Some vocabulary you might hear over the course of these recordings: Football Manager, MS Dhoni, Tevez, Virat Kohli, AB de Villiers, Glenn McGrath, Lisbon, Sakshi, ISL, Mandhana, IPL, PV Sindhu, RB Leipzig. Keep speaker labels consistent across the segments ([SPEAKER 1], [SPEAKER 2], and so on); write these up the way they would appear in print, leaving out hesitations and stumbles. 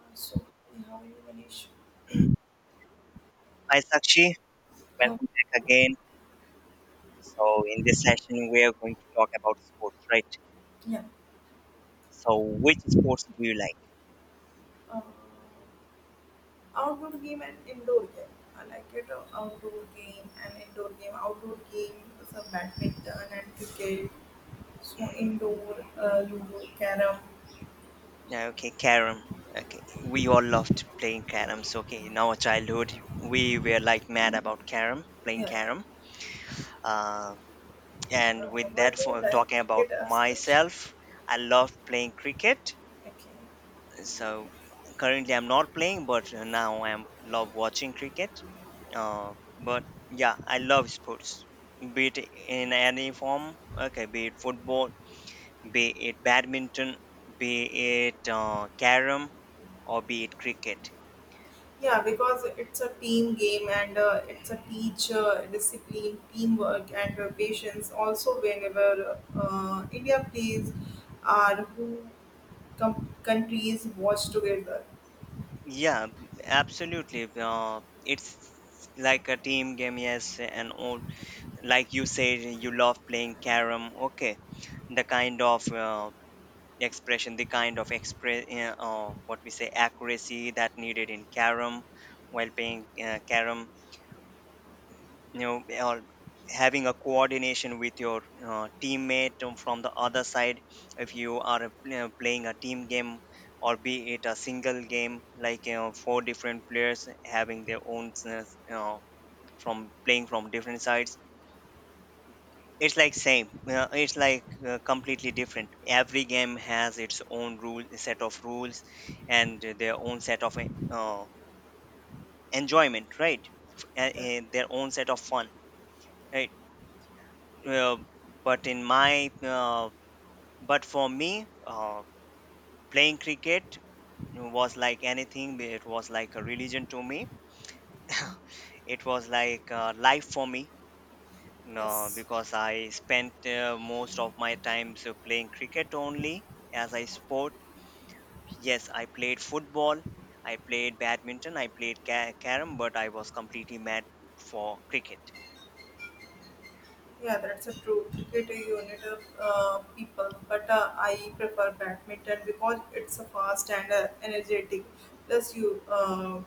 [SPEAKER 1] So how you Manish
[SPEAKER 2] Hi Sakshi,
[SPEAKER 1] have.
[SPEAKER 2] welcome back again. So in this session we are going to talk about sports, right?
[SPEAKER 1] Yeah.
[SPEAKER 2] So which sports do you like?
[SPEAKER 1] uh, Outdoor game and indoor game. I like it outdoor game and indoor game. Outdoor game some badminton and cricket. So indoor ludo, carom.
[SPEAKER 2] Yeah, okay, carom. Okay, we all loved playing carom. So okay, in our childhood we were like mad about carom, playing
[SPEAKER 1] Yeah.
[SPEAKER 2] carom. Uh,
[SPEAKER 1] Uh,
[SPEAKER 2] and with
[SPEAKER 1] why
[SPEAKER 2] that,
[SPEAKER 1] do you
[SPEAKER 2] for
[SPEAKER 1] like
[SPEAKER 2] talking about
[SPEAKER 1] cricket as much?
[SPEAKER 2] myself, I love playing cricket.
[SPEAKER 1] Okay.
[SPEAKER 2] So currently I'm not playing but now I'm love watching cricket uh, but yeah I love sports, be it in any form, okay, be it football, be it badminton, be it carom, or be it cricket.
[SPEAKER 1] Yeah, because it's a team game and it's a teacher, discipline, teamwork, and patience. Also, whenever India plays, are who countries watch together.
[SPEAKER 2] Yeah, absolutely, it's like a team game, yes, and all. Like you said, you love playing carom. Okay, the kind of expression, the kind of what we say, accuracy that needed in carom while playing carom, you know, or having a coordination with your teammate from the other side if you are playing a team game, or be it a single game, like you know, four different players having their own from playing from different sides. It's like same. It's like completely different. Every game has its own rule, set of rules, and their own set of enjoyment, right? F- a-
[SPEAKER 1] Yeah.
[SPEAKER 2] a- Their own set of fun, right? Uh, but in my, uh, but for me, playing cricket was like anything. It was like a religion to me. It was like life for me. No,
[SPEAKER 1] Yes.
[SPEAKER 2] because I spent most of my time so playing cricket only as I sport. Yes, I played football, I played badminton, I played carom, but I was completely mad for cricket.
[SPEAKER 1] Yeah, that's a true. Cricket is a unit of people, but I prefer badminton because it's a fast and energetic. Plus, you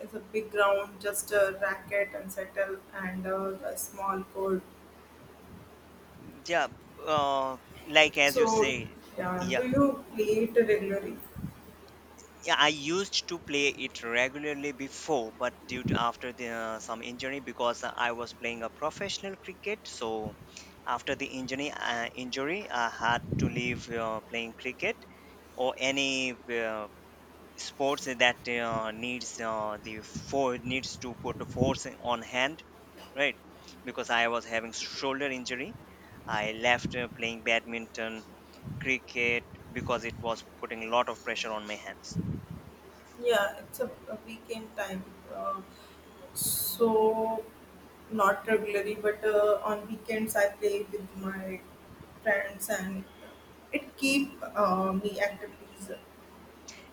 [SPEAKER 1] it's a big ground, just a racket and settle, and a small court.
[SPEAKER 2] Yeah, uh, like as you
[SPEAKER 1] So,
[SPEAKER 2] say,
[SPEAKER 1] yeah,
[SPEAKER 2] yeah.
[SPEAKER 1] do you play it regularly?
[SPEAKER 2] Yeah, I used to play it regularly before, but due to after the some injury because I was playing a professional cricket, so after the injury, I had to leave playing cricket or any uh, sports that needs the for needs to put the force on hand, right? Because I was having shoulder injury, I left playing badminton, cricket, because it was putting a lot of pressure on my hands.
[SPEAKER 1] Yeah, it's a weekend time. Uh, so not regularly, but on weekends I play with my friends, and it keep me activities.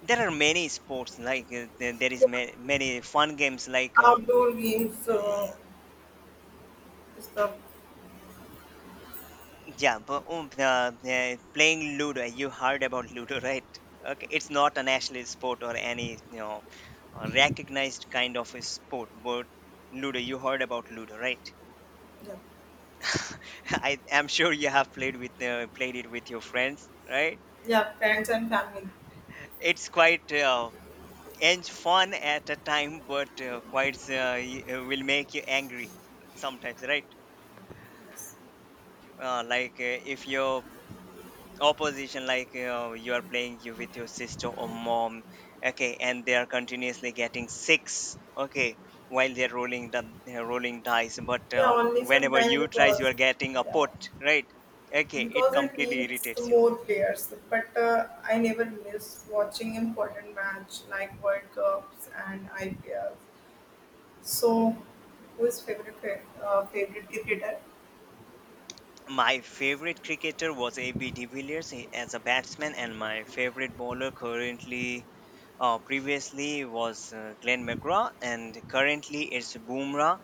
[SPEAKER 2] There are many sports like there there is
[SPEAKER 1] Yeah,
[SPEAKER 2] many fun games like
[SPEAKER 1] outdoor games. Is the
[SPEAKER 2] yeah, but playing Ludo. You heard about Ludo, right? Okay, it's not a national sport or any, you know, recognized kind of a sport, but Ludo. You heard about Ludo, right?
[SPEAKER 1] yeah,
[SPEAKER 2] I am sure you have played with played it with your friends, right?
[SPEAKER 1] yeah, friends and family.
[SPEAKER 2] It's quite and fun at a time, but quite will make you angry sometimes, right?
[SPEAKER 1] Yes.
[SPEAKER 2] If your opposition, like, you are playing you with your sister or mom, okay, and they are continuously getting six, okay, while they're rolling the rolling dice, but
[SPEAKER 1] Yeah, only
[SPEAKER 2] whenever
[SPEAKER 1] sometime
[SPEAKER 2] you try you
[SPEAKER 1] because
[SPEAKER 2] are getting a
[SPEAKER 1] yeah.
[SPEAKER 2] put, right? Okay, it
[SPEAKER 1] Because it
[SPEAKER 2] completely
[SPEAKER 1] needs the
[SPEAKER 2] irritates you.
[SPEAKER 1] more players. But I never miss watching important match like World Cups and IPL. So, who is favorite favorite cricketer?
[SPEAKER 2] My favorite cricketer was AB de Villiers, as a batsman, and my favorite bowler currently, previously was Glenn McGrath, and currently it's Boomer.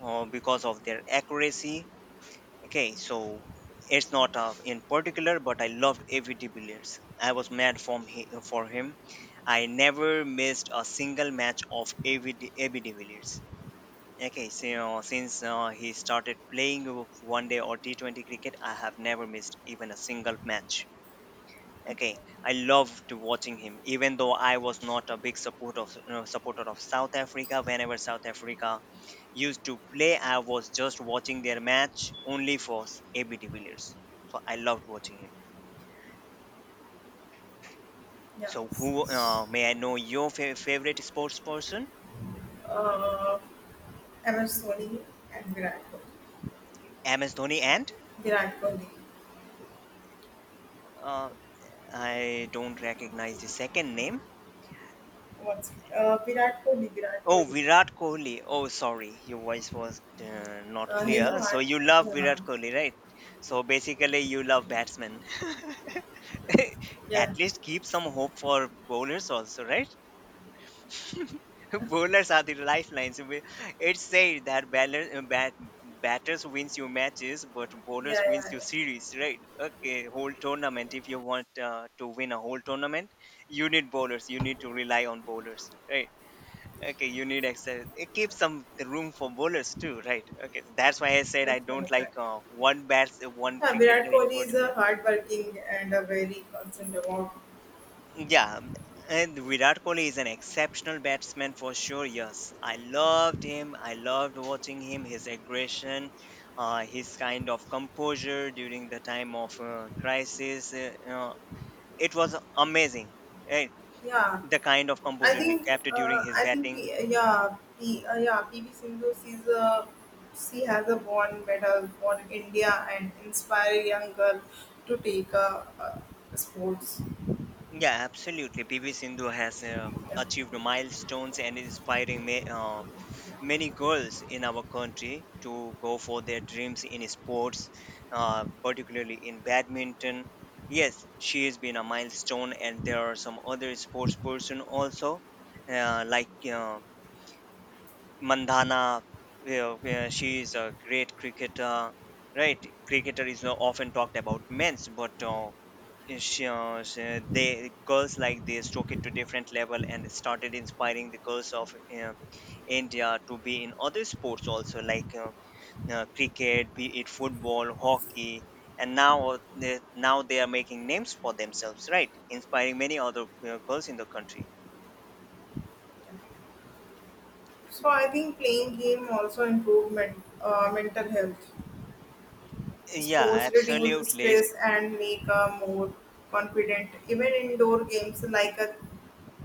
[SPEAKER 2] Because of their accuracy. Okay, so it's not in particular, but I loved Avi de Villiers. I was mad for him. I never missed a single match of AV de Villiers. Okay, so, you know, since he started playing one day or T20 cricket, I have never missed even a single match.
[SPEAKER 1] Okay,
[SPEAKER 2] Okay, I loved watching him, even though I was not a big supporter of South Africa. Whenever South Africa used to play, I was just watching their match only for AB de Villiers. So I loved watching him.
[SPEAKER 1] yeah,
[SPEAKER 2] So who,
[SPEAKER 1] S-
[SPEAKER 2] may I know your favorite sports person?
[SPEAKER 1] uh, MS Dhoni and Virat Kohli.
[SPEAKER 2] MS Dhoni and
[SPEAKER 1] Virat Kohli.
[SPEAKER 2] uh, I don't recognize the second name.
[SPEAKER 1] What's Virat Kohli? Virat
[SPEAKER 2] Oh,
[SPEAKER 1] Kohli.
[SPEAKER 2] Virat Kohli. Oh, sorry, your voice was not
[SPEAKER 1] He's a
[SPEAKER 2] clear. So
[SPEAKER 1] hard.
[SPEAKER 2] you love
[SPEAKER 1] Yeah,
[SPEAKER 2] Virat Kohli, right? So basically, you love batsmen.
[SPEAKER 1] yeah,
[SPEAKER 2] At
[SPEAKER 1] yeah,
[SPEAKER 2] least keep some hope for bowlers also, right? Bowlers are the lifelines. We- It's said that batters wins you matches, but
[SPEAKER 1] yeah,
[SPEAKER 2] bowlers wins
[SPEAKER 1] yeah.
[SPEAKER 2] you series, right? Okay, whole tournament. If you want to win a whole tournament, you need bowlers. You need to rely on bowlers, right? Okay, you need extra. It keeps some room for bowlers too, right? Okay, that's why I said
[SPEAKER 1] Yes,
[SPEAKER 2] I don't
[SPEAKER 1] right,
[SPEAKER 2] like
[SPEAKER 1] right.
[SPEAKER 2] one
[SPEAKER 1] Yeah, Virat
[SPEAKER 2] cricketer in
[SPEAKER 1] Kohli is a
[SPEAKER 2] particular.
[SPEAKER 1] hardworking and a very constant about.
[SPEAKER 2] Yeah, m- and Virat Kohli is an exceptional batsman for sure. Yes, I loved him. I loved watching him. His aggression, his kind of composure during the time of crisis. It was amazing. Right?
[SPEAKER 1] Yeah,
[SPEAKER 2] The kind of composure he kept during his
[SPEAKER 1] I think
[SPEAKER 2] batting.
[SPEAKER 1] P, yeah PV Sindhu she has a born medal for India and inspire young girl to a sports.
[SPEAKER 2] Yeah, absolutely. PV Sindhu has
[SPEAKER 1] Yeah.
[SPEAKER 2] achieved milestones and inspiring many girls in our country to go for their dreams in sports, particularly in badminton. Yes, she has been a milestone, and there are some other sports person also, uh, like uh, Mandhana, you know, she is a great cricketer, right? Cricketer is often talked about men's, but they girls like this took it to different level and started inspiring the girls of uh, India to be in other sports also, like cricket, be it football, hockey, and now now they are making names for themselves, right? Inspiring many other girls in the country.
[SPEAKER 1] So I think playing game also improve mental health.
[SPEAKER 2] Yeah,
[SPEAKER 1] Sports reduce
[SPEAKER 2] absolutely.
[SPEAKER 1] stress and make a more confident. Even indoor games like a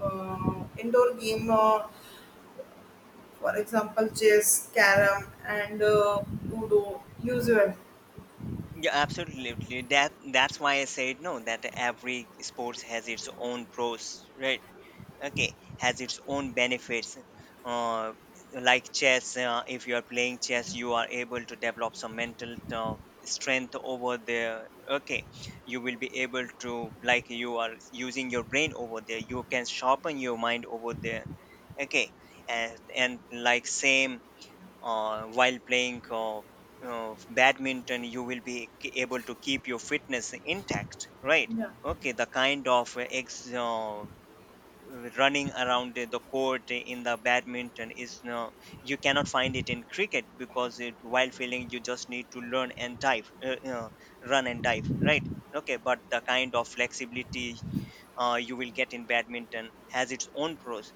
[SPEAKER 1] indoor game, for example, chess, carom, and udo, usual.
[SPEAKER 2] Yeah, absolutely. That that's why I said no, that every sports has its own pros, right? Okay, has its own benefits. Uh, like chess, if you are playing chess, you are able to develop some mental strength over there. Okay, you will be able to, like, you are using your brain over there. You can sharpen your mind over there. Okay, and like same while playing badminton, you will be able to keep your fitness intact, right?
[SPEAKER 1] Yeah,
[SPEAKER 2] Okay, the kind of ex running around the court in the badminton is no, you cannot find it in cricket, because it while feeling you just need to learn and dive, run and dive, right? Okay, but the kind of flexibility you will get in badminton has its own pros,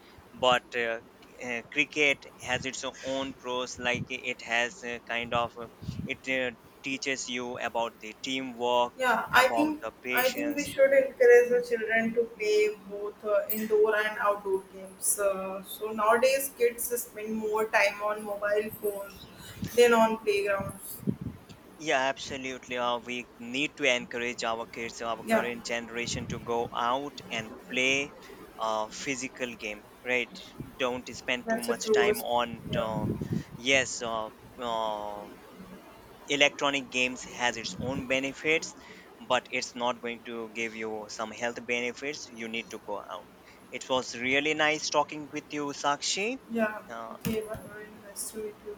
[SPEAKER 2] but cricket has its own pros, like it has kind of it teaches you about the teamwork,
[SPEAKER 1] yeah.
[SPEAKER 2] about the
[SPEAKER 1] I think we
[SPEAKER 2] patience.
[SPEAKER 1] should encourage the children to play both indoor and outdoor games. So nowadays, kids spend more time on mobile phones than on playgrounds.
[SPEAKER 2] Yeah, absolutely, we need to encourage our kids, our
[SPEAKER 1] Yeah,
[SPEAKER 2] current generation, to go out and play physical game, right? Don't spend too
[SPEAKER 1] that's a
[SPEAKER 2] much
[SPEAKER 1] true.
[SPEAKER 2] time on
[SPEAKER 1] Yeah.
[SPEAKER 2] yes, uh, electronic games has its own benefits, but it's not going to give you some health benefits. You need to go out. It was really nice talking with you, Sakshi.
[SPEAKER 1] Yeah,
[SPEAKER 2] uh,
[SPEAKER 1] okay, but very nice to meet you.